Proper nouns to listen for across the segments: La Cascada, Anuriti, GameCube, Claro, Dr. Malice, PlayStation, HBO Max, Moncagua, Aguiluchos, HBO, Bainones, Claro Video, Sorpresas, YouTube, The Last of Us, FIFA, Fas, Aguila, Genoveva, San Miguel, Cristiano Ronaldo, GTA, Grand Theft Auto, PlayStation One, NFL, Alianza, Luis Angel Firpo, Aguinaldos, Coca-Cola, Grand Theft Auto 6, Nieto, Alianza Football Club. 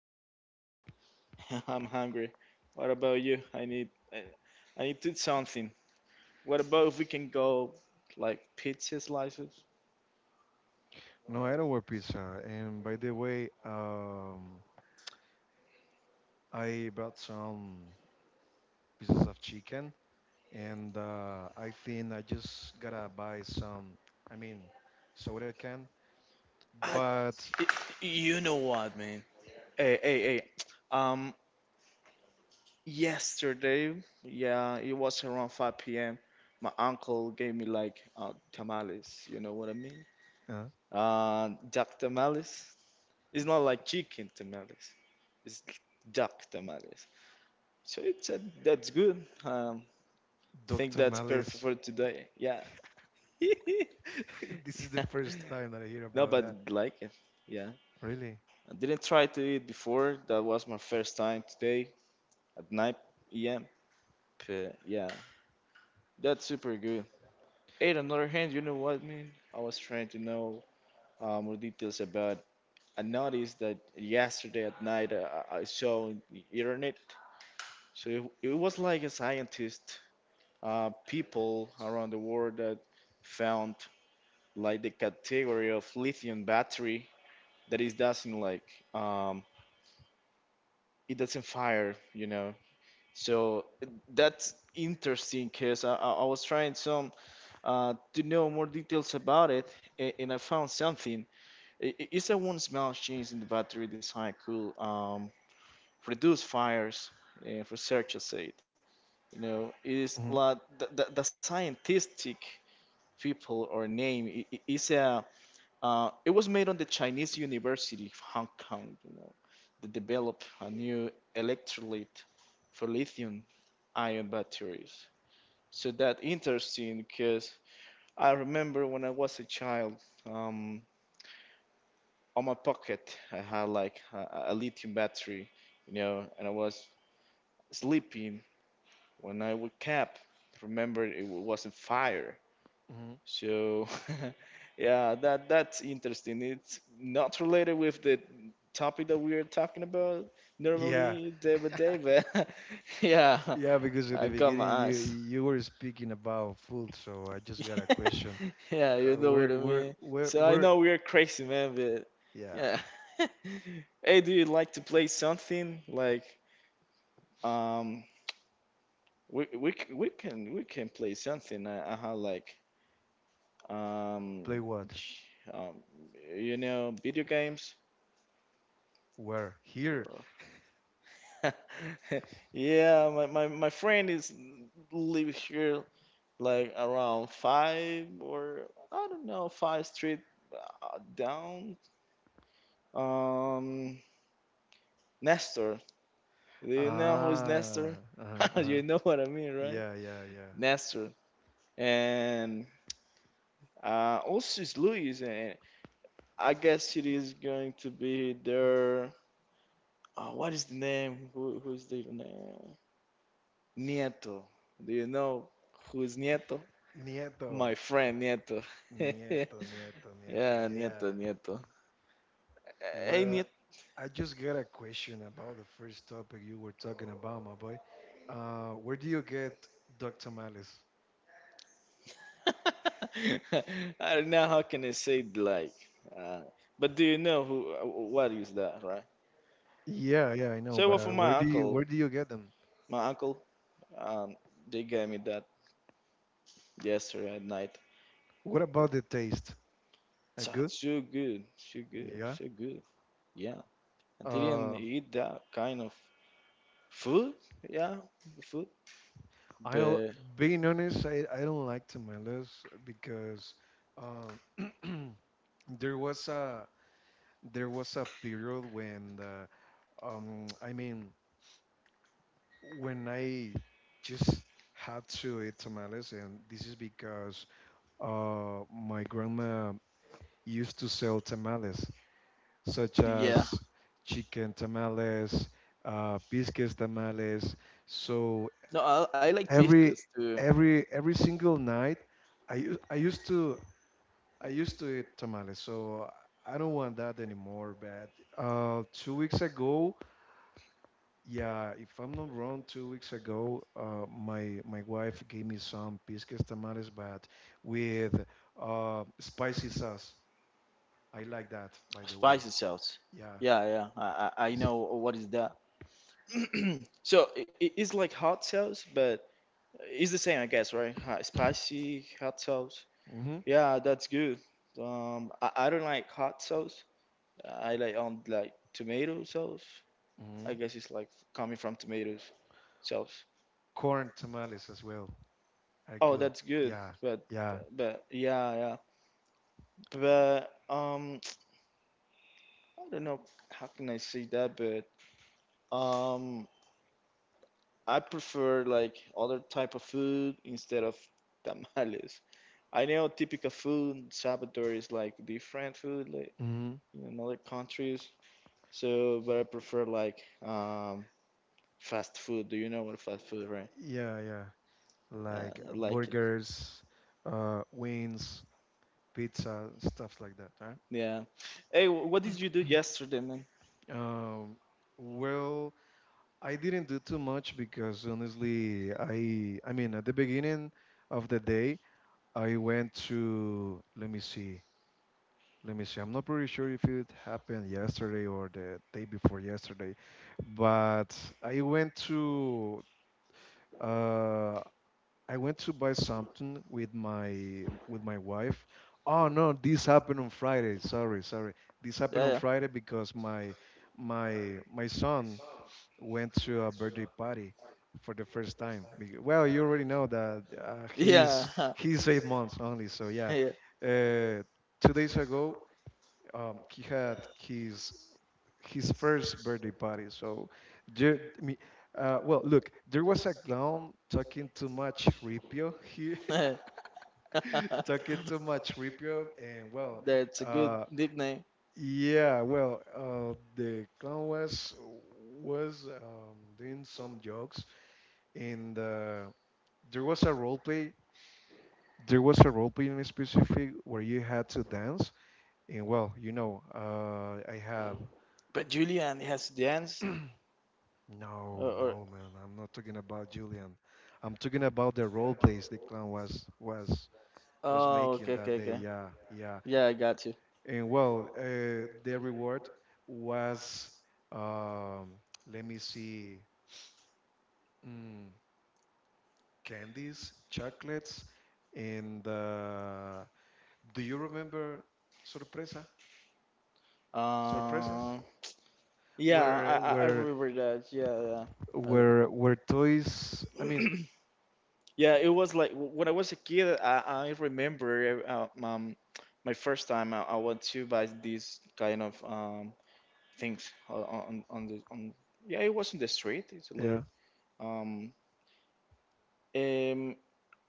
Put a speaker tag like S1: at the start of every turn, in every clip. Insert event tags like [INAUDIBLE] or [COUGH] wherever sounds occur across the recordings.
S1: get home. [LAUGHS] I'm hungry. What about you? I need to eat something. What about if we can go like pizza slices?
S2: No, I don't wear pizza. And by the way, I brought some pieces of chicken, and I think I just gotta buy some, I mean, soda can.
S1: Ah,
S2: But
S1: you know what, man? Hey, hey, hey. Um. Yesterday, yeah, it was around 5 p.m. My uncle gave me like tamales, you know what I mean?
S2: uh,
S1: Duck tamales. It's not like chicken tamales. It's duck tamales. So that's good. Think
S2: Dr.
S1: that's perfect
S2: Malice,
S1: for today. Yeah. [LAUGHS]
S2: [LAUGHS] this is the first time that I hear
S1: No,
S2: about
S1: but
S2: that.
S1: I like it. Yeah.
S2: Really?
S1: I didn't try to eat before. That was my first time today at 9 p.m. But yeah, that's super good. And on the other hand, you know what, man? I was trying to know more details about. I noticed that yesterday at night I saw on the internet. So it was like a scientist, people around the world that found like the category of lithium battery that it doesn't like um, it doesn't fire, you know. So that's interesting because I was trying some to know more details about it, and I found something is there one small change in the battery design could reduce fires? If researchers said, you know, is
S2: Hmm
S1: like the scientific people or name I- is a it was made on the Chinese University of Hong Kong. You know, they developed a new electrolyte for lithium-ion batteries. So that interesting because I remember when I was a child. Um, on my pocket I had like a lithium battery, you know, and I was sleeping when I woke up. Remembered wasn't fire.
S2: hmm.
S1: So [LAUGHS] yeah, that's interesting. It's not related with the topic that we are talking about
S2: Yeah,
S1: normally, day by day, but [LAUGHS] yeah,
S2: yeah, because at the
S1: I got my
S2: beginning you
S1: eyes.
S2: you were speaking about food, so I just got a
S1: [LAUGHS]
S2: question.
S1: Yeah, you know what
S2: Where,
S1: I
S2: where,
S1: mean.
S2: where,
S1: So I
S2: where?
S1: know we're crazy, man, but
S2: Yeah,
S1: yeah. [LAUGHS] Hey, do you like to play something like um we can play something like um
S2: play what?
S1: ch- um you know video games?
S2: Where? Here.
S1: Or- [LAUGHS] Yeah, my friend is lives here like around five or I don't know five street down. Um, Nestor. Do you know who's Nestor?
S2: Ah, uh-huh,
S1: [LAUGHS]
S2: uh-huh.
S1: You know what I mean, right?
S2: Yeah, yeah, yeah.
S1: Nestor. And also is Luis, and I guess it is going to be their. What is the name? Who's the name? Nieto. Do you know who is Nieto?
S2: Nieto,
S1: My friend Nieto. [LAUGHS] Yeah,
S2: Nieto, Nieto, Nieto. Yeah.
S1: Nieto. Hey,
S2: Well,
S1: Nieto.
S2: I just got a question about the first topic you were talking about, my boy. Where do you get duck Tamales?
S1: [LAUGHS] I don't know how can I say it, like, uh, but do you know who? What is that, right?
S2: Yeah, yeah, I know,
S1: So well, for
S2: but where do you where do you get them?
S1: my uncle, um, they gave me that yesterday at night.
S2: What about the taste? Are
S1: So
S2: good? Yeah.
S1: so good. Yeah, I didn't
S2: Uh,
S1: eat that kind of food. Yeah, food.
S2: I know.
S1: But
S2: Being honest, I don't like tamales because um [CLEARS THROAT] there was a there was a period when I mean when I just had to eat tamales, and this is because my grandma used to sell tamales such
S1: yeah,
S2: as chicken tamales, biscuits tamales. So
S1: no,
S2: uh,
S1: I like
S2: every
S1: biscuits too.
S2: every single night, I u- I used to eat tamales. So I don't want that anymore. But 2 weeks ago. Yeah, if I'm not wrong, 2 weeks ago, my wife gave me some pisques tamales, but with spicy sauce. I like that, by the way.
S1: Spicy sauce.
S2: Yeah.
S1: Yeah, I
S2: Yes.
S1: know what is that. [CLEARS THROAT] It's like hot sauce, but it's the same, I guess, right? Hot, spicy hot sauce.
S2: Hmm
S1: Yeah, that's good. Um, I don't like hot sauce. I like tomato sauce. I
S2: hmm.
S1: guess it's like coming from tomatoes sauce.
S2: Corn tamales as well are
S1: Oh,
S2: good.
S1: that's good.
S2: Yeah.
S1: But
S2: Yeah.
S1: but yeah yeah. But [TSK] I don't know how can I say that. But um, I prefer like other type of food instead of [LAUGHS] tamales. I know typical food Salvador is like different food like
S2: Hmm.
S1: in other countries. So, but I prefer like um fast food. Do you know what fast food, right?
S2: Yeah. Yeah.
S1: Uh,
S2: Like
S1: I like it.
S2: burgers, wings, pizza, stuff like that, right?
S1: Yeah. Hey, what did you do yesterday, man?
S2: Um, well, I didn't do too much because honestly, I mean at the beginning of the day, I went to, let me see, let me see. I'm not pretty sure if it happened yesterday or the day before yesterday, but I went to uh I went to buy something with my wife. Oh no, this happened on Friday. Sorry, sorry. This happened
S1: Yeah.
S2: on
S1: Yeah.
S2: Friday because
S1: [LAUGHS]
S2: my son went to a birthday party for the first time. Well, you already know that
S1: Yeah.
S2: he's 8 months only, so yeah. Uh, 2 days ago, he had his first birthday party. So, ju- me, well, look, there was a clown talking too much Ripio. He [LAUGHS]
S1: [LAUGHS]
S2: talking too much Ripio, and well,
S1: That's a good
S2: uh,
S1: nickname.
S2: yeah, well, the clown was doing some jokes and there was a role play. There was a role play in specific where you had to dance, and well, I have
S1: But Julian has Jans?
S2: no,
S1: Or
S2: no, man, I'm not talking about Julian. I'm talking about the role plays the clan was was
S1: oh,
S2: was making
S1: okay.
S2: that day. Yeah,
S1: Yeah,
S2: yeah.
S1: I got you.
S2: And well, the reward was, um, let me see, mm, candies, chocolates, and do you remember Sorpresa? Sorpresas?
S1: Um, Yeah,
S2: Where
S1: I, I I
S2: where
S1: remember that. Yeah, yeah.
S2: where toys, I mean,
S1: I- [CLEARS THROAT] Yeah, it was like when I was a kid, I remember my first time I went to buy these kind of things on the on yeah it was in the street. It's a little
S2: yeah,
S1: um um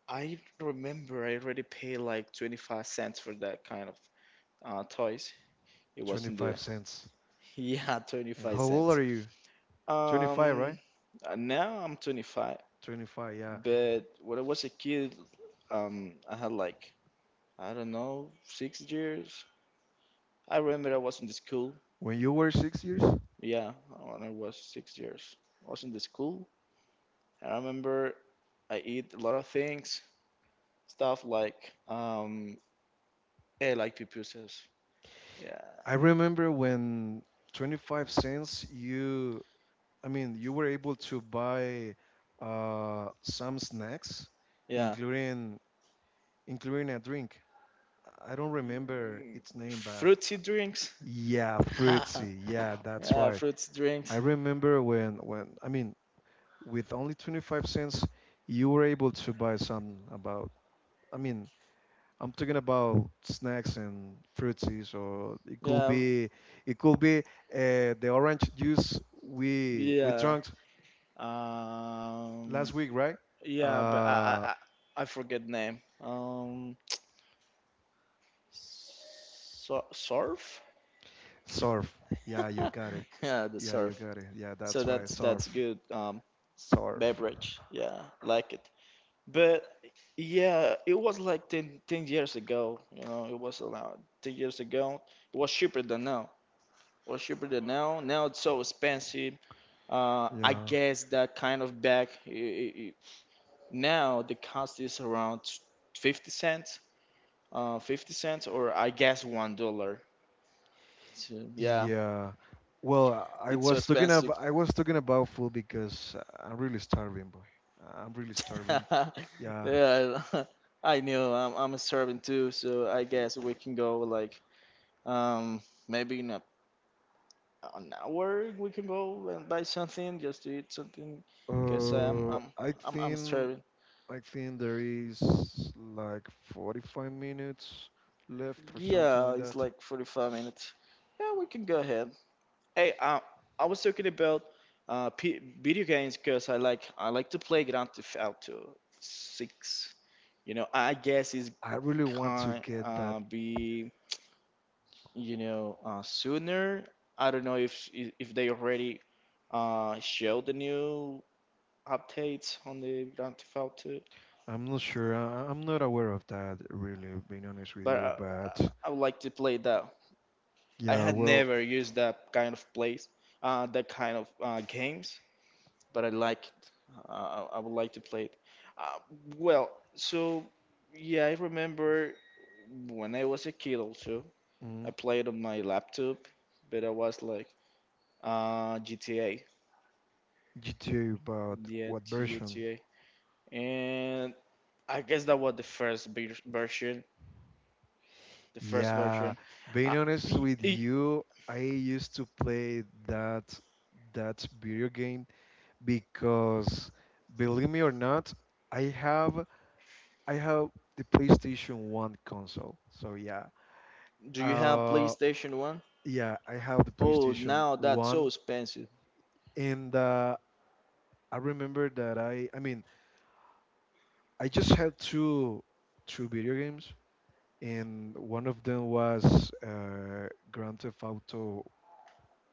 S1: I remember I already paid like 25 cents for that kind of toys. It was in the
S2: 25 cents.
S1: [LAUGHS] yeah
S2: And
S1: 25
S2: how old
S1: cents.
S2: are you? 25, right?
S1: Um, Now I'm 25.
S2: 25, yeah.
S1: But when I was a kid, I had like, I don't know, 6 years. I remember I was in the school.
S2: When you were 6 years?
S1: Yeah, when I was 6 years, I was in the school. I remember I eat a lot of things, stuff like, yeah, like pupusas. Yeah,
S2: I remember when 25 cents, you, I mean, you were able to buy some snacks
S1: yeah.
S2: including including a drink. I don't remember
S1: Mm,
S2: its name, but
S1: fruity drinks.
S2: yeah,
S1: [LAUGHS]
S2: fruitsy. Yeah, that's
S1: Yeah,
S2: right.
S1: fruity
S2: I
S1: drinks.
S2: remember when I mean, with only 25 cents you were able to buy some, about, I mean, I'm talking about snacks and fruities, or it could
S1: Yeah,
S2: be, it could be the orange juice we
S1: yeah.
S2: drank
S1: Um,
S2: last week, right,
S1: yeah, but I I
S2: uh
S1: I I forget name. Surf.
S2: surf. Yeah, you got it.
S1: [LAUGHS] Yeah, the
S2: Yeah, you
S1: surf.
S2: got it. Yeah,
S1: So
S2: that's right.
S1: that's
S2: surf
S1: good.
S2: surf
S1: Beverage. Yeah, like it. But yeah, it was like 10 years ago. You know, it was around 10 years ago. It was cheaper than now. It was cheaper than now. Now it's so expensive. I
S2: Yeah.
S1: guess that kind of bag. Now the cost is around 50 cents, 50 cents, or I guess $1. So, yeah,
S2: Yeah. Well, I
S1: it's so
S2: was talking about
S1: expensive.
S2: I was talking about food because I'm really starving, boy. I'm really starving.
S1: [LAUGHS]
S2: Yeah.
S1: Yeah, [LAUGHS] I knew I'm a servant too, so I
S2: y-
S1: guess we can go like um maybe in an hour we can go and buy something just to eat something because I'm
S2: Uh,
S1: I'm
S2: I
S1: I'm I'm
S2: think
S1: starving.
S2: I think there is like 45 minutes left or something
S1: Yeah,
S2: like
S1: it's
S2: that.
S1: like 45 minutes. Yeah, we can go ahead. Hey, I was talking about p video games because I like to play Grand Theft Auto 6. You know, I guess it's
S2: I really want to
S1: can
S2: get that.
S1: be you know sooner. I don't know if they already show the new updates on the Grand Theft Auto,
S2: I'm not sure. I'm not aware of that, really, being honest with
S1: but
S2: you.
S1: I,
S2: But
S1: I would like to play that. I
S2: yeah,
S1: had
S2: well,
S1: never used that kind of place, that kind of games, but I like it. Uh, I would like to play it. Uh, well, so yeah, I remember when I was a kid also,
S2: mm,
S1: I played on my laptop, but I was like GTA,
S2: GTA, but
S1: yeah,
S2: what version?
S1: GTA, and I guess that was the first version, the first
S2: Yeah,
S1: version.
S2: being
S1: Uh,
S2: honest
S1: e-
S2: with
S1: e-
S2: you, I used to play that video game because, believe me or not, I have I have the PlayStation 1 console. So yeah.
S1: do you have
S2: Uh
S1: PlayStation One?
S2: yeah, I have the
S1: Oh,
S2: PlayStation
S1: now that's so
S2: 1
S1: expensive.
S2: and I remember that I mean, I just had two video games and one of them was Grand Theft Auto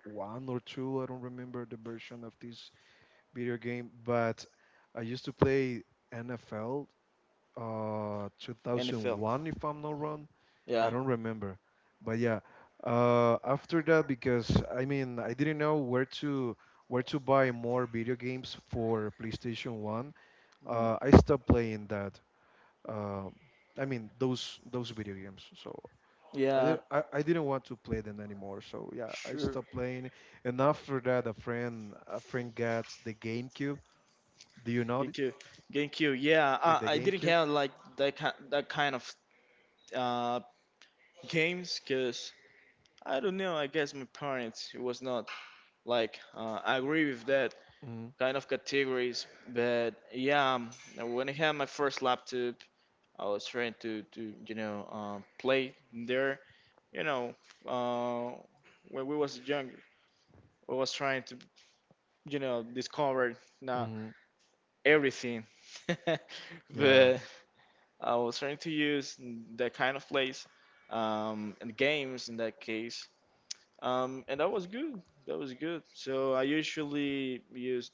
S2: one or two. I don't remember the version of this video game, but I used to play NFL
S1: NFL.
S2: 2001 if I'm not wrong. I
S1: Yeah.
S2: don't remember. But yeah, after that, because I mean, I didn't know where to buy more video games for PlayStation 1.
S1: Mhm.
S2: I stopped playing that. Um I mean those video games. So I,
S1: Yeah,
S2: did, I, I didn't want to play them anymore. So yeah, I
S1: sure.
S2: stopped playing. And after that, a friend got the GameCube. Do you know
S1: GameCube, GameCube. Yeah,
S2: the,
S1: I,
S2: the
S1: I didn't
S2: GameCube?
S1: have like that kind of uh, games because I don't know. I guess my parents was not like I agree with that
S2: Hmm
S1: kind of categories. But yeah, when I had my first laptop, I was trying to you know play there. You know, uh, when we was younger, I was trying to you know discover now
S2: hmm.
S1: everything. [LAUGHS]
S2: Yeah.
S1: But I was trying to use that kind of plays and games in that case, and that was good. That was good. So I usually used,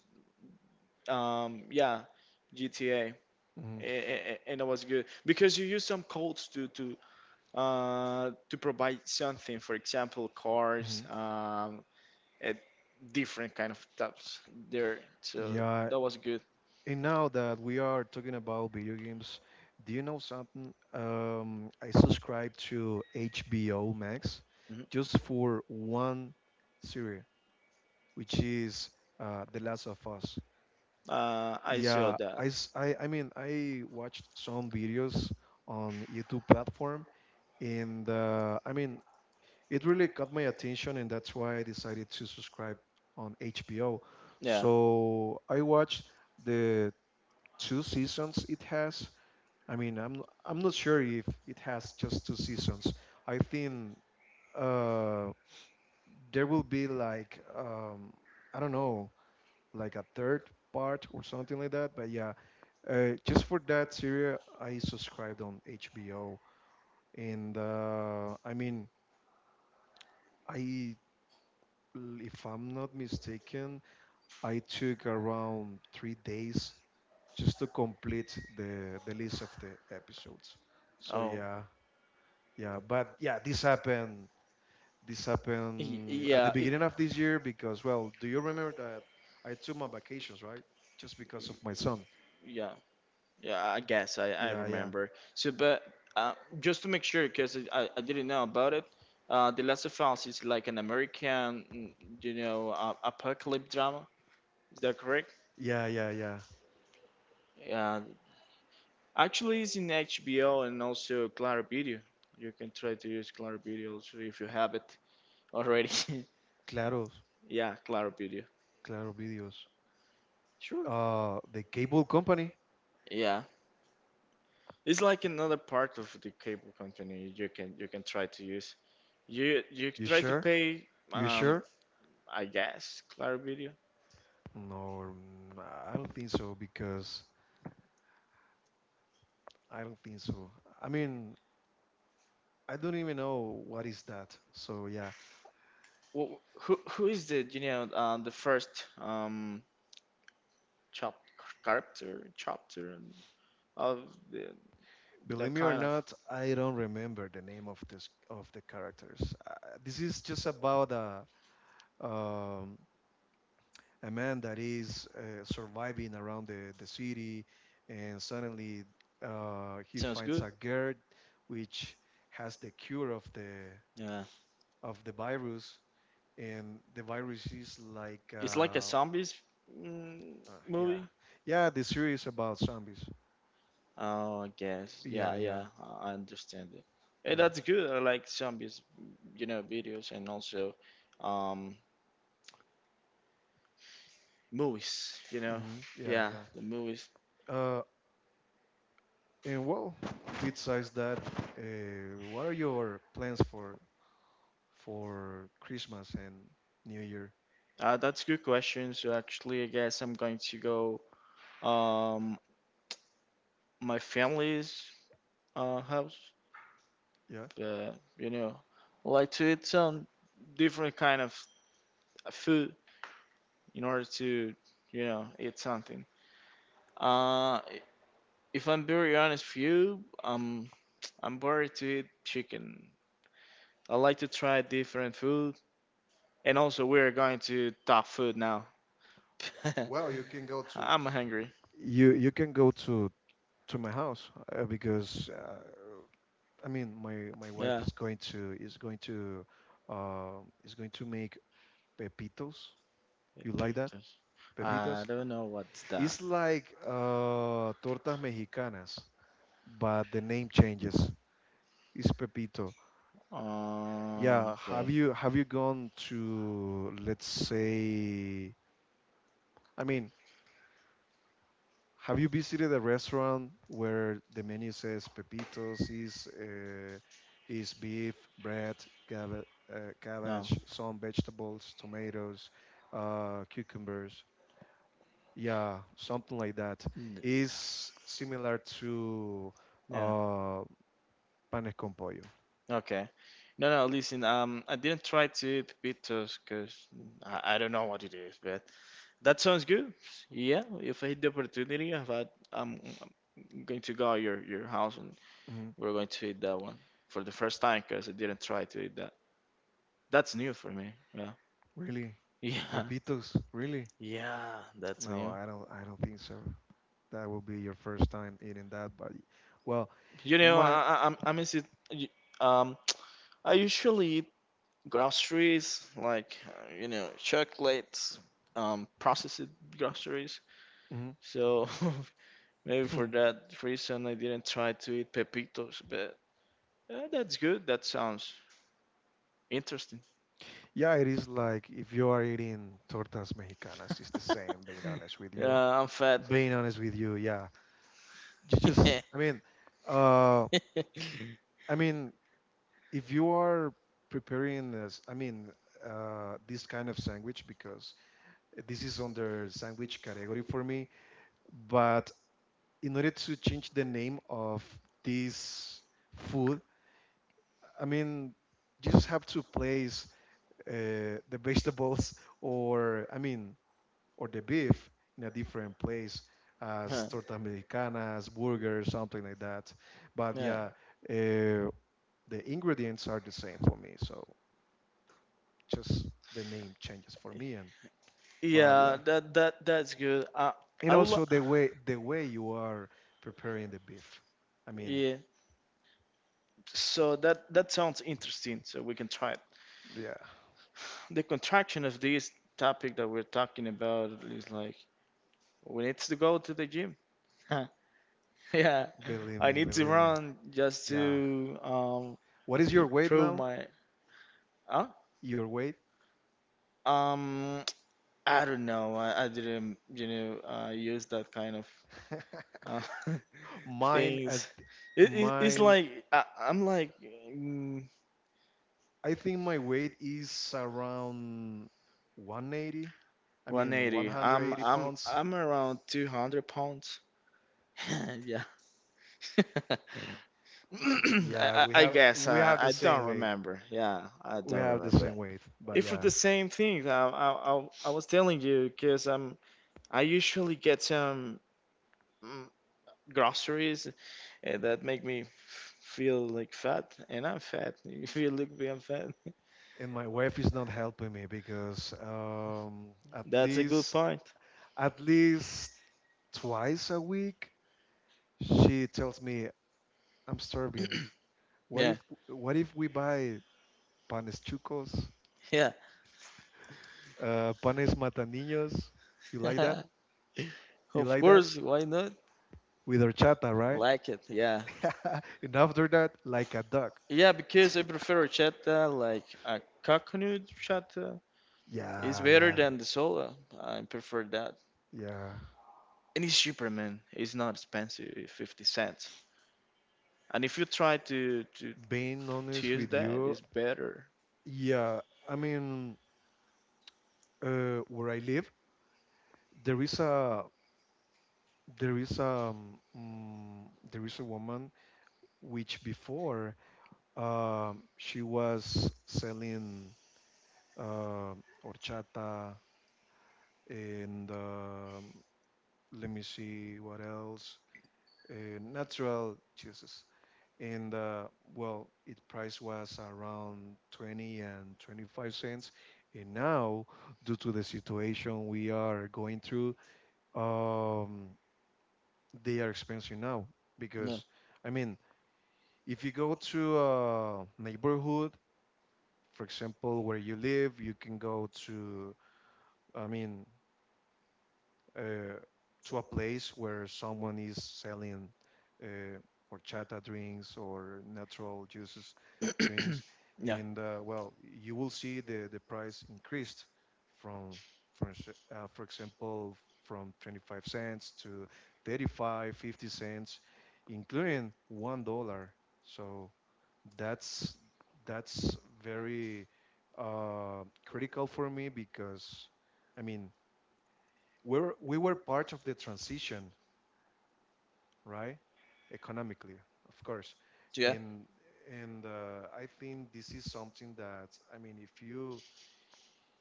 S1: yeah, GTA,
S2: Hmm
S1: and that was good because you use some codes to provide something. For example, cars,
S2: hmm.
S1: at different kind of types there. So
S2: Yeah.
S1: that was good.
S2: And now that we are talking about video games, do you know something? I subscribe to HBO Max
S1: Mhm.
S2: just for one series, which is The Last of Us.
S1: I saw
S2: Yeah,
S1: that.
S2: I mean, I watched some videos on YouTube platform, and I mean, it really caught my attention, and that's why I decided to subscribe on HBO.
S1: Yeah.
S2: So I watched the two seasons it has. I mean, I'm not sure if it has just two seasons. I think uh, there will be like, I don't know, like a third part or something like that. But yeah, just for that series, I subscribed on HBO, and I mean, I, if I'm not mistaken, I took around 3 days just to complete the list of the episodes. So
S1: Oh,
S2: yeah, yeah, but yeah, this happened. This happened at the
S1: yeah,
S2: beginning of this year because, well, do you remember that I took my vacations, right? Just because of my son.
S1: yeah, yeah. I guess I
S2: Yeah, yeah.
S1: remember. So, but uh, just to make sure, because I didn't know about it. The Last of Us is like an American, mm, you know, apocalypse drama. Is that correct?
S2: Yeah, yeah, yeah.
S1: Yeah, actually, it's in HBO and also Claro Video. You can try to use Claro Video also if you have it already. [LAUGHS]
S2: Claro,
S1: Yeah, Claro Video.
S2: claro videos.
S1: Sure.
S2: The cable company.
S1: Yeah, it's like another part of the cable company you can try to use. You
S2: You
S1: try to
S2: sure?
S1: pay
S2: You
S1: um
S2: sure?
S1: I guess Claro Video.
S2: No, I don't think so, because I don't think so. I mean, I don't even know what is that. So yeah,
S1: Well, who is the you know the first chap character chapter of the the
S2: believe me or
S1: kind of
S2: not, I don't remember the name of this, of the characters. This is just about um, a man that is surviving around the city, and suddenly he
S1: sounds
S2: finds
S1: good.
S2: a girl which has the cure of the
S1: Yeah,
S2: of the virus, and the virus is like,
S1: it's like a zombies mm,
S2: uh, yeah,
S1: movie.
S2: yeah, the series about zombies.
S1: Oh, I guess.
S2: Yeah,
S1: Yeah,
S2: yeah,
S1: yeah, I understand it. Hey,
S2: yeah.
S1: that's good. I like zombies, you know, videos and also um movies, you know.
S2: Hmm. Yeah,
S1: Yeah,
S2: yeah.
S1: the movies.
S2: uh, and well, besides that, what are your plans for Christmas and New Year?
S1: That's a good question. So actually, I guess I'm going to go um my family's house.
S2: Yeah,
S1: Uh, you know, I like to eat some different kind of food in order to, you know, eat something. Uh, If I'm very honest with you, [TSK] I'm bored to eat chicken. I like to try different food, and also we're going to talk food now. [LAUGHS]
S2: well, you can go to
S1: I'm hungry.
S2: You you can go to my house, because I mean, my wife
S1: Yeah,
S2: is going to make pepitos.
S1: the
S2: You like that?
S1: pizza. I
S2: Pepitos?
S1: don't know what's that.
S2: It's like tortas mexicanas, but the name changes. It's pepito. Yeah,
S1: Okay,
S2: have you gone to, let's say, I mean, have you visited a restaurant where the menu says pepitos is beef, bread, cava-
S1: no.
S2: cabbage, some vegetables, tomatoes, cucumbers? Yeah, something like that.
S1: N-
S2: Is similar to
S1: Yeah.
S2: uh, panes con pollo.
S1: Okay. No, no, listen, I didn't try to eat pitos because I don't know what it is, but that sounds good. Yeah, if I hit the opportunity, if I, I'm, I'm going to go your house, and
S2: Mhm.
S1: we're going to eat that one for the first time because I didn't try to eat that. That's new for me. Yeah,
S2: Really?
S1: [LAUGHS] yeah,
S2: Pepitos? Really?
S1: yeah, that's
S2: No,
S1: new.
S2: I don't. I don't think so. That will be your first time eating that, but well,
S1: You know,
S2: my.
S1: I, I'm is it, y- um, I usually eat groceries, like chocolates, processed groceries.
S2: Mhm.
S1: So [LAUGHS] maybe for
S2: [CLEARS THROAT] [LAUGHS]
S1: that reason, I didn't try to eat pepitos, but that's good. That sounds interesting. [LAUGHS]
S2: Yeah, it is like if you are eating tortas mexicanas, it's the same, being honest with you.
S1: Yeah, I'm fat.
S2: Being honest with you, yeah. You just,
S1: [LAUGHS]
S2: I mean, uh, I mean, if you are preparing this, I mean, this kind of sandwich, because this is under sandwich category for me, but in order to change the name of this food, I mean, you just have to place the vegetables, or, I mean, or the beef in a different place as
S1: Huh.
S2: tortas mexicanas, burgers, something like that. But
S1: Yeah,
S2: yeah, uh, the ingredients are the same for me. So just the name changes for me, and but yeah,
S1: yeah, that's good. I
S2: and
S1: I will.
S2: also the way you are preparing the beef. I mean,
S1: Yeah, so that sounds interesting. So we can try it.
S2: yeah,
S1: The contraction of this topic that we're talking about is like we need to go to the gym. [LAUGHS] Yeah,
S2: believe
S1: I
S2: me,
S1: need to
S2: believe me.
S1: run just to
S2: Yeah. What is your weight
S1: improve
S2: now?
S1: my huh?
S2: Your weight?
S1: Um, [TSK] I don't know. I didn't use that kind of
S2: [LAUGHS]
S1: uh, [LAUGHS]
S2: Mine at
S1: things. It's
S2: mine
S1: like I'm like mm,
S2: I think my weight is around 180. I mean,
S1: 180.
S2: 180
S1: I'm I'm
S2: pounds.
S1: I'm around 200 pounds. [LAUGHS] Yeah. [LAUGHS] [CLEARS THROAT] I,
S2: Yeah,
S1: I
S2: we
S1: I
S2: have
S1: guess
S2: we have the
S1: I
S2: same
S1: don't
S2: weight.
S1: remember. Yeah, I
S2: We
S1: don't
S2: have the
S1: remember.
S2: same weight, but
S1: If it's
S2: yeah.
S1: the same thing, I was telling you because I usually get some mm, groceries that make me feel like fat, and I'm fat. [LAUGHS] If you look me, I'm fat. [LAUGHS]
S2: And my wife is not helping me because, at
S1: That's a good
S2: least
S1: point.
S2: at least twice a week, she tells me, I'm starving. What
S1: Yeah,
S2: if what if we buy panes chucos,
S1: yeah.
S2: panes mataninos? You like that?
S1: [LAUGHS]
S2: You
S1: Of
S2: like that
S1: course, why not?
S2: with horchata, right?"
S1: Like it, yeah.
S2: [LAUGHS] and after that, like a dog.
S1: Yeah, because I prefer chata like a coconut chata. It's
S2: Yeah,
S1: better
S2: yeah,
S1: than the soda. I prefer that.
S2: yeah.
S1: And it's cheaper, man. It's not expensive, it's 50 cents. And if you try to, to,
S2: Being
S1: to
S2: honest
S1: use
S2: with
S1: that,
S2: you,
S1: it's better.
S2: yeah, I mean, where I live, there is a there is a mm, there is a woman which before, she was selling uh, horchata and let me see what else, natural juices. And well, its price was around 20 and 25 cents. And now, due to the situation we are going through, um, they are expensive now
S1: No.
S2: because, I mean, if you go to a neighborhood, for example, where you live, you can go to, I mean, uh, to a place where someone is selling uh, horchata drinks or natural juices drinks,
S1: [CLEARS THROAT] Yeah.
S2: and well, you will see the price increased from, for, ex- for example, from 25¢ to 35, 50¢, including $1. So that's that's very critical for me because, I mean, we were part of the transition, right? Economically, of course.
S1: Yeah.
S2: And and I think this is something that, I mean,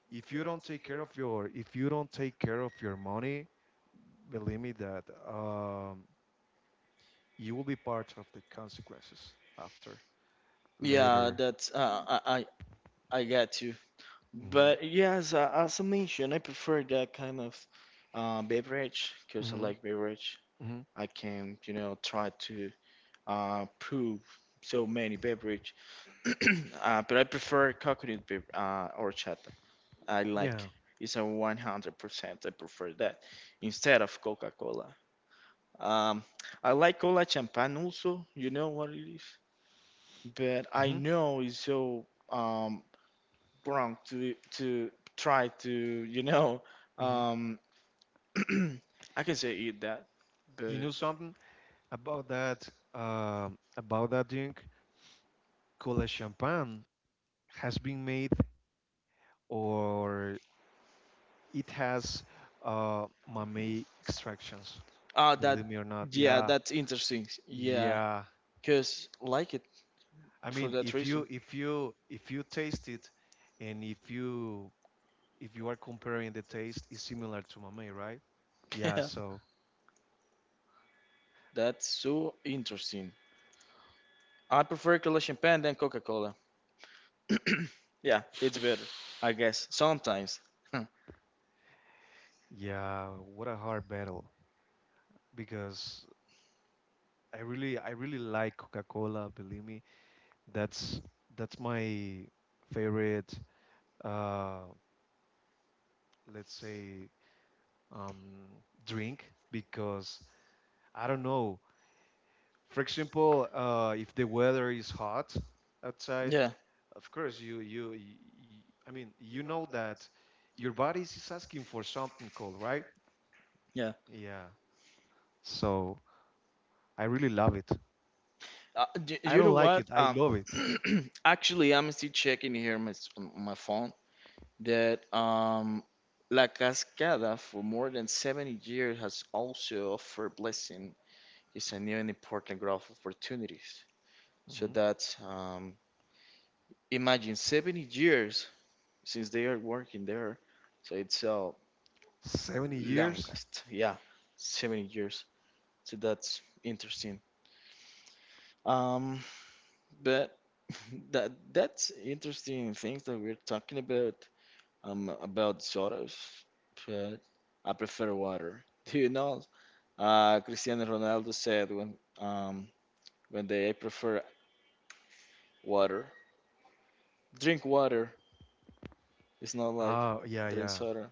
S2: if you don't take care of your, if you don't take care of your money, believe me that um, you will be part of the consequences after
S1: Yeah,
S2: later.
S1: that's I get you.
S2: hmm
S1: But yes, as I mentioned, I prefer that kind of beverage because I
S2: hmm
S1: like beverage.
S2: hmm
S1: I can, try to prove so many beverage. [CLEARS THROAT] But I prefer coconut beer horchata. I
S2: Yeah.
S1: like, it's a 100%. I prefer that instead of Coca-Cola. Um, I like cola champagne also. You know what it is, but I
S2: hmm
S1: know it's so um, wrong to try to
S2: hmm
S1: um, [CLEARS THROAT] I can say eat that,
S2: You know
S1: but
S2: something about that? About that drink? Cola champagne has been made or it has mame extractions.
S1: that,
S2: Believe me or not,
S1: yeah,
S2: yeah,
S1: that's interesting. Yeah,
S2: yeah.
S1: cause like it
S2: I
S1: for
S2: mean,
S1: that reason.
S2: if you taste it, and if you are comparing the taste, it's similar to mamey, right? Yeah.
S1: Yeah,
S2: So
S1: [LAUGHS] that's so interesting. I prefer Cola champagne than Coca Cola. [CLEARS THROAT] Yeah, it's better, I guess. Sometimes. Huh.
S2: yeah, what a hard battle because I really like Coca-Cola. Believe me, that's that's my favorite. Uh, let's say um, drink because I don't know. For example, if the weather is hot outside,
S1: Yeah,
S2: of course I mean you know that your body is asking for something cold, right?
S1: yeah.
S2: Yeah. So I really love it. I
S1: You know
S2: don't like
S1: what?
S2: it. I love it.
S1: [CLEARS THROAT] Actually, I'm still checking here my on my phone that La Cascada for more than 70 years has also offered blessing is a new and important growth opportunities. So
S2: hmm
S1: that's imagine 70 years since they are working there, so it's
S2: 70 years?
S1: longest, yeah, 70 years. So that's interesting. Um, but [LAUGHS] that's interesting things that we're talking about. About sodas, but I prefer water. [LAUGHS] Do you know? Cristiano Ronaldo said when they I prefer water. Drink water. It's not like
S2: Oh, yeah,
S1: drink
S2: yeah.
S1: soda.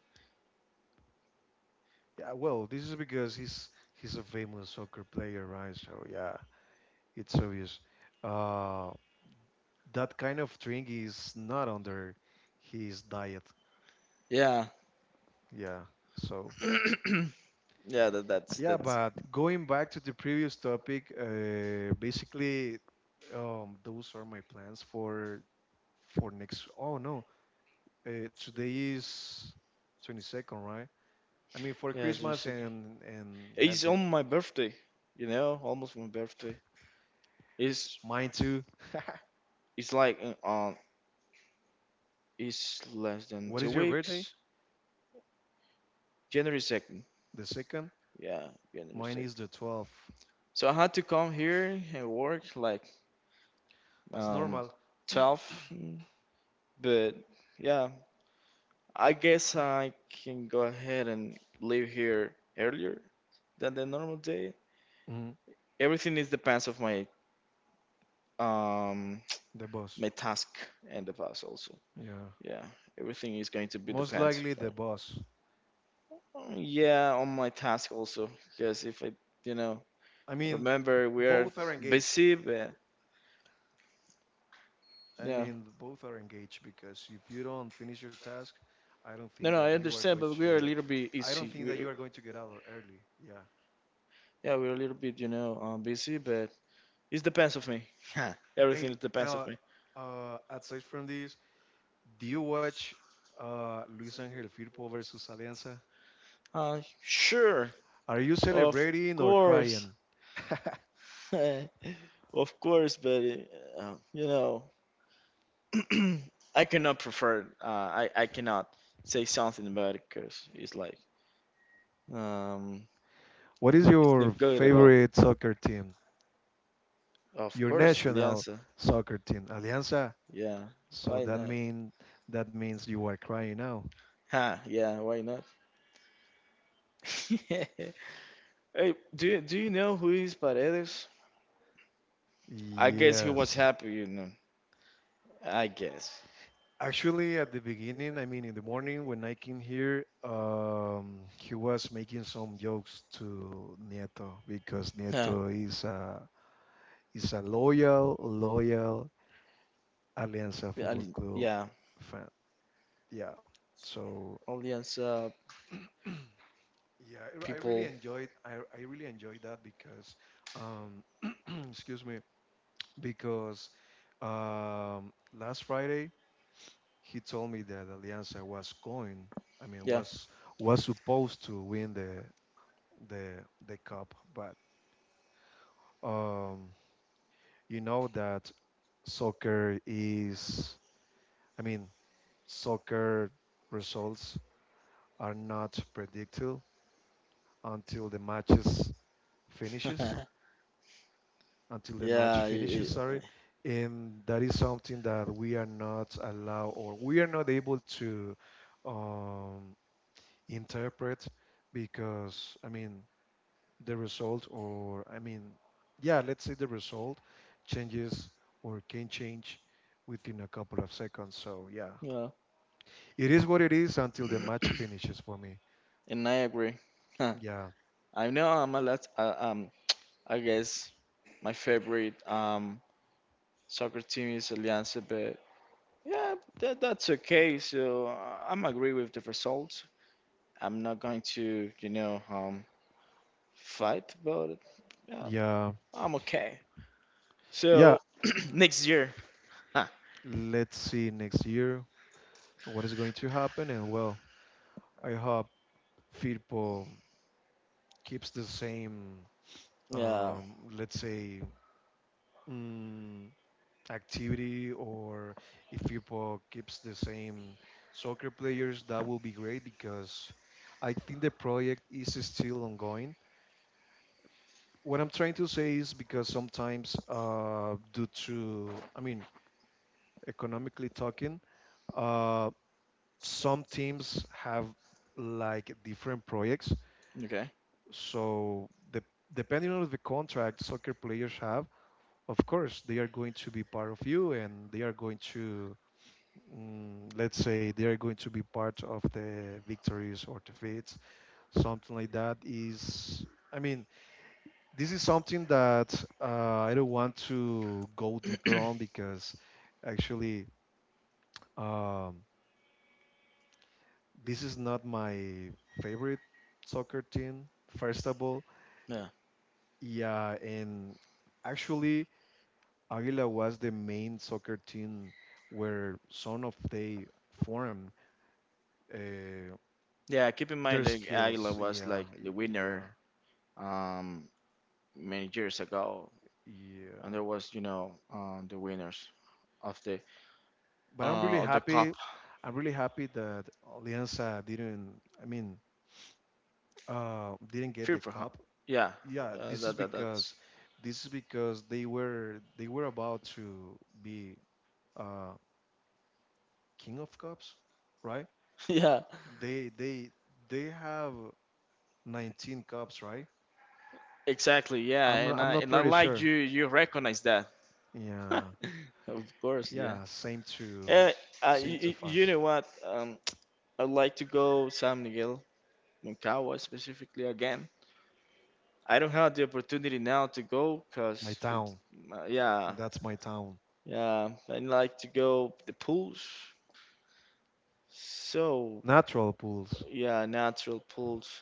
S2: Yeah, well, this is because he's a famous soccer player, right? So yeah, it's obvious. Uh, that kind of drink is not under his diet.
S1: Yeah,
S2: Yeah. So,
S1: [CLEARS THROAT] yeah. That, that's
S2: yeah,
S1: that's.
S2: but going back to the previous topic, basically, those are my plans for next. Oh no, today is 22nd, right? I mean, for
S1: Yeah,
S2: Christmas
S1: Jurassic.
S2: and
S1: It's
S2: happy.
S1: on my birthday, you know, almost my birthday. It's
S2: Mine too. [LAUGHS]
S1: it's like it's less than
S2: What is
S1: two
S2: your birthday?
S1: weeks. January 2nd.
S2: The second.
S1: Yeah, January
S2: Mine
S1: second.
S2: is the 12th.
S1: So I had to come here and work like
S2: As
S1: um
S2: normal.
S1: tough, but yeah, I guess I can go ahead and leave here earlier than the normal day.
S2: Mhm.
S1: Everything is depends of my um
S2: The
S1: [TSK]
S2: boss.
S1: my task and the bus also.
S2: Yeah.
S1: Yeah, everything is going to be
S2: Most
S1: depend.
S2: likely the
S1: Right?
S2: boss.
S1: Yeah, on my task also, because if I, you know,
S2: I mean,
S1: remember we are
S2: both are engaged.
S1: busy, but
S2: I
S1: yeah,
S2: mean, both are engaged because if you don't finish your task, I don't
S1: no,
S2: think
S1: no,
S2: that
S1: I
S2: you are
S1: understand,
S2: going
S1: but we are a
S2: to.
S1: little bit
S2: I don't
S1: easy.
S2: think that you are going to get out early. Yeah.
S1: Yeah, we're a little bit, busy, but it depends of me. [LAUGHS]
S2: Hey,
S1: Everything depends of
S2: uh,
S1: me.
S2: aside from this, do you watch Luis Angel Firpo versus Alianza?
S1: Sure,
S2: Are you
S1: of
S2: celebrating or
S1: course,
S2: crying?
S1: [LAUGHS] of course, but you know. [CLEARS THROAT] I cannot prefer. I cannot say something about it because it's like um
S2: What is your
S1: good at all.
S2: favorite soccer team?
S1: Of
S2: Your
S1: course,
S2: national
S1: Alianza.
S2: soccer team, Alianza.
S1: Yeah,
S2: So
S1: why
S2: that
S1: not?
S2: mean, that means you are crying now.
S1: Ha, yeah, why not? [LAUGHS] Hey, do you know who is Paredes? I guess he was
S2: Yes.
S1: happy, you know. I guess.
S2: Actually, at the beginning, I mean, in the morning when I came here, he was making some jokes to Nieto because
S1: Huh.
S2: Nieto is a loyal, loyal Alianza
S1: Yeah,
S2: Football Club
S1: Yeah,
S2: fan. Yeah. So
S1: Alianza
S2: yeah, I really
S1: people.
S2: enjoyed, I really enjoyed that because um, [CLEARS THROAT] excuse me because last Friday he told me that Alianza was going. I mean,
S1: Yeah,
S2: was supposed to win the the cup, but um, you know that soccer is, I mean, soccer results are not predicted until the matches finishes,
S1: [LAUGHS]
S2: until the match
S1: yeah,
S2: finishes, sorry, and that is something that we are not allowed or we are not able to um, interpret because, I mean, the result or, I mean, yeah, let's say the result changes or can change within a couple of seconds. So yeah,
S1: yeah.
S2: it is what it is until the match finishes for me.
S1: And I agree. Huh.
S2: Yeah,
S1: I know I'm a lot. I guess my favorite soccer team is Alianza, but yeah, that's okay. So I'm agree with the result. I'm not going to, fight about it. Yeah,
S2: yeah,
S1: I'm okay.
S2: yeah.
S1: So [CLEARS THROAT] next year, huh.
S2: Let's see next year what is going to happen, and well, I hope Firpo keeps the same,
S1: Yeah.
S2: let's say mm, activity, or if people keeps the same soccer players, that will be great because I think the project is still ongoing. What I'm trying to say is because sometimes, due to, I mean, economically talking, uh, some teams have like different projects.
S1: Okay.
S2: So depending on the contract soccer players have, of course, they are going to be part of you and they are going to let's say they are going to be part of the victories or defeats, something like that. Is, I mean, this is something that I don't want to go deeper on because actually um, this is not my favorite soccer team, first of all.
S1: Yeah.
S2: Yeah, and actually Aguila was the main soccer team where some of they formed. Uh,
S1: Yeah. Keep in
S2: their
S1: mind, like Aguila
S2: skills.
S1: was like the winner
S2: Yeah,
S1: um many years ago. And
S2: yeah.
S1: there was the winners of the
S2: But I'm really
S1: cup.
S2: happy. I'm really happy that Alianza didn't. I mean, didn't get the
S1: FIFA, huh?
S2: cup.
S1: Yeah,
S2: Yeah, this is
S1: that's
S2: because they were, about to be uh, king of cups, right?
S1: [LAUGHS] yeah,
S2: They they they have 19 cups, right?
S1: exactly. Yeah,
S2: I'm not
S1: and I
S2: pretty
S1: like
S2: sure.
S1: you recognize that. [LAUGHS]
S2: Yeah,
S1: Of course, yeah.
S2: yeah.
S1: Yeah,
S2: Same to
S1: you
S2: Fas.
S1: know what? I'd like to go San Miguel, Moncagua specifically again. I don't have the opportunity now to go
S2: My
S1: because,
S2: town.
S1: yeah,
S2: That's my town.
S1: yeah, I'd like to go the pools. So,
S2: Natural pools,
S1: yeah, natural pools.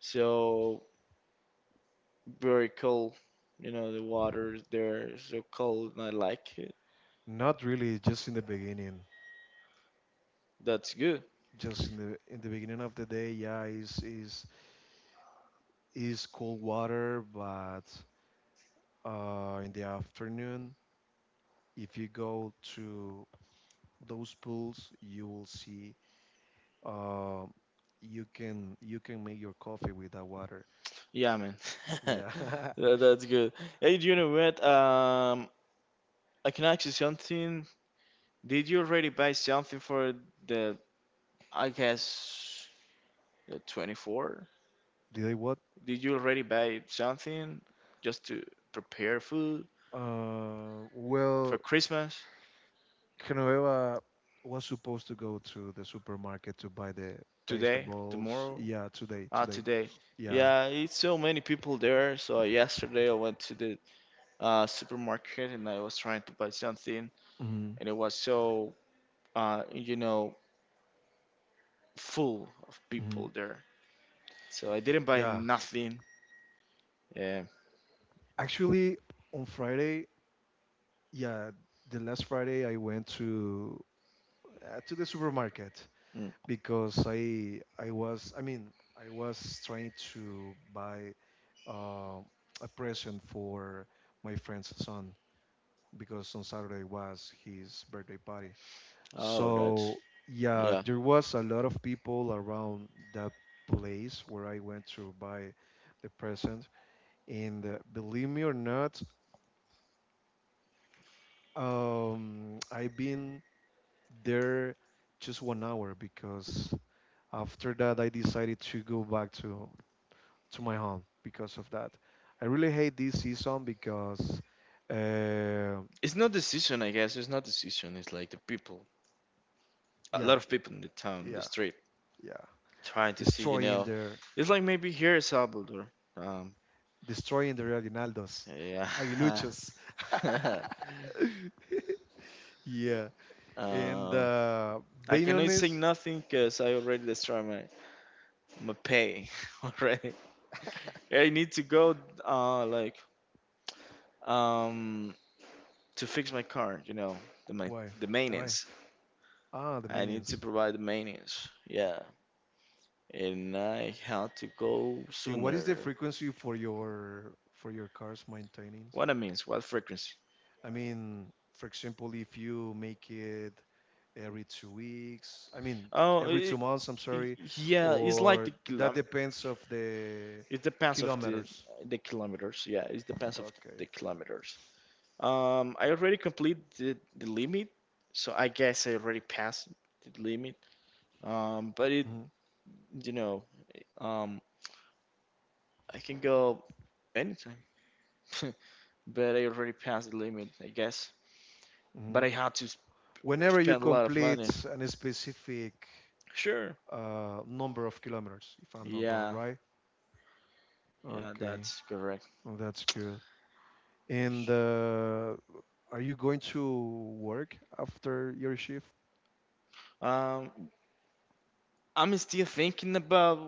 S1: So very cold. You know, the water is there is so cold and I like it.
S2: not really, just in the beginning,
S1: That's good.
S2: just in the beginning of the day. Yeah, is cold water, but in the afternoon if you go to those pools, you will see uh, you can make your coffee with that water.
S1: Yeah, man.
S2: Yeah.
S1: [LAUGHS]
S2: [LAUGHS]
S1: That's good. Hey, do you know what? I can ask you something. Did you already buy something for the, I guess, the 24th?
S2: Did I what?
S1: Did you already buy something just to prepare food for
S2: Well,
S1: Christmas
S2: Genoveva was supposed to go to the supermarket to buy the
S1: today,
S2: vegetables.
S1: tomorrow?
S2: Yeah, today.
S1: Today.
S2: Yeah.
S1: Yeah, it's so many people there. So yesterday I went to the supermarket and I was trying to buy something,
S2: hmm
S1: and it was so uh, you know full of
S2: hmm
S1: people there. So I didn't buy
S2: Yeah.
S1: nothing. Yeah.
S2: Actually, on Friday, yeah, the last Friday I went to the supermarket
S1: Mm.
S2: because I mean I was trying to buy uh, a present for my friend's son because on Saturday was his birthday party.
S1: Oh, that's
S2: So yeah,
S1: yeah.
S2: there was a lot of people around that place where I went to buy the present. And believe me or not, I've been there just one hour because after that I decided to go back to my home because of that. I really hate this season because, uh,
S1: It's not the season, I guess. It's not the season. It's like the people, a
S2: yeah,
S1: lot of people in the town, the
S2: yeah,
S1: street,
S2: yeah,
S1: trying to see. You
S2: destroying
S1: know,
S2: their,
S1: it's like maybe here in Salvador. Um.
S2: destroying the Aguinaldos,
S1: Yeah.
S2: [LAUGHS] Aguiluchos.
S1: [LAUGHS]
S2: [LAUGHS] Yeah. And
S1: Um, I cannot say
S2: Bainones,
S1: nothing because I already destroyed my pay [LAUGHS] already. I need to go like um to fix my car. You know, the my
S2: why?
S1: the
S2: Why?
S1: maintenance.
S2: Ah, the
S1: I need to
S2: maintenance.
S1: provide the maintenance. Yeah, and I have to go
S2: And what is the
S1: sooner.
S2: frequency for your car's maintenance?
S1: What I means? What frequency?
S2: I mean, for example, if you make it every two weeks, I mean
S1: Oh,
S2: every two months, I'm
S1: it,
S2: sorry,
S1: yeah. It's like
S2: or
S1: the
S2: that depends of the
S1: it depends of the
S2: kilometers.
S1: the kilometers. Yeah, it depends of the
S2: Okay.
S1: kilometers. I already completed the limit, so I guess I already passed the limit. But you know, um, I can go anytime, [LAUGHS] but I already passed the limit, I guess. But
S2: hmm
S1: I had to sp
S2: Whenever you
S1: spend a lot of
S2: complete
S1: money.
S2: a specific
S1: Sure.
S2: number of kilometers, if I'm not wrong,
S1: Yeah,
S2: right?
S1: yeah,
S2: Okay,
S1: that's correct.
S2: well, that's good. And are you going to work after your shift?
S1: Um, I'm still thinking about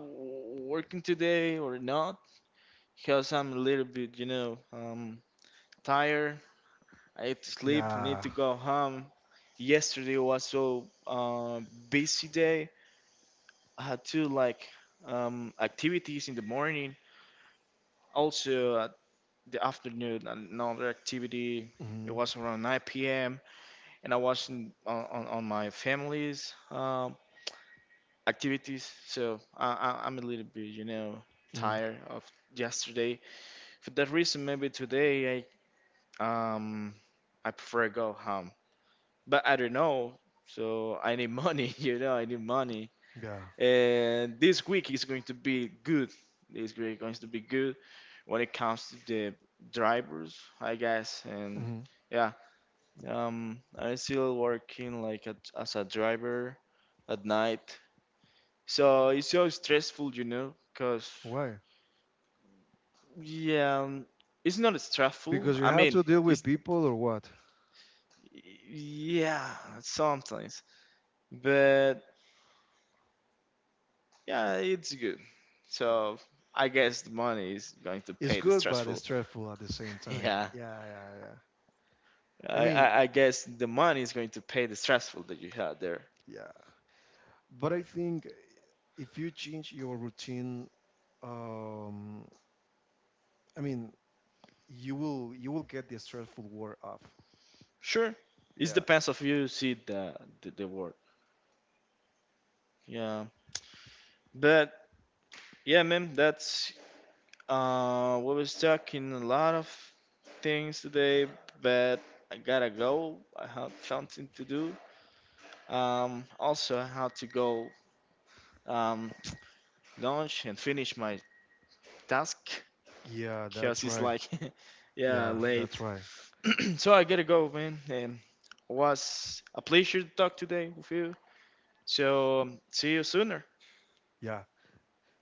S1: working today or not, because I'm a little bit, tired. I need to sleep, need
S2: Yeah.
S1: to go home. Yesterday was so busy day. I had two activities in the morning, also at the afternoon another activity. It
S2: hmm
S1: was around 9 p.m. and I was in, on my family's activities, so I'm a little bit,
S2: hmm
S1: tired of yesterday. For that reason, maybe today um I prefer go home, but I don't know. So I need money, [LAUGHS] you know, I need money.
S2: Yeah.
S1: And this week is going to be good. This week is going to be good when it comes to the drivers, I guess. And
S2: hmm
S1: yeah, I'm still working like as a driver at night. So it's so stressful, you know, because
S2: Why?
S1: yeah, it's not stressful.
S2: Because you
S1: I
S2: have
S1: mean,
S2: to deal with people or what?
S1: yeah, sometimes, but yeah, it's good. So I guess the money is going to
S2: It's
S1: pay the
S2: good, but it's
S1: stressful.
S2: stressful at the
S1: [LAUGHS]
S2: same time.
S1: Yeah,
S2: Yeah, yeah, yeah. I
S1: I,
S2: mean,
S1: I, I guess the money is going to pay the stressful that you had there.
S2: yeah. But I think if you change your routine, um, I mean, you will get the stressful war off.
S1: Sure, it
S2: Yeah.
S1: depends of you see the word. Yeah, but yeah, man, that's we was talking a lot of things today, but I gotta go. I have something to do. Also I have to go um lunch and finish my task.
S2: Yeah, that's
S1: Cause it's
S2: right.
S1: like, [LAUGHS] yeah,
S2: Yeah,
S1: late.
S2: that's right.
S1: [CLEARS THROAT] So I gotta go, man. And was a pleasure to talk today with you. So see you sooner.
S2: Yeah.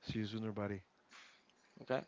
S2: See you sooner, buddy.
S1: Okay.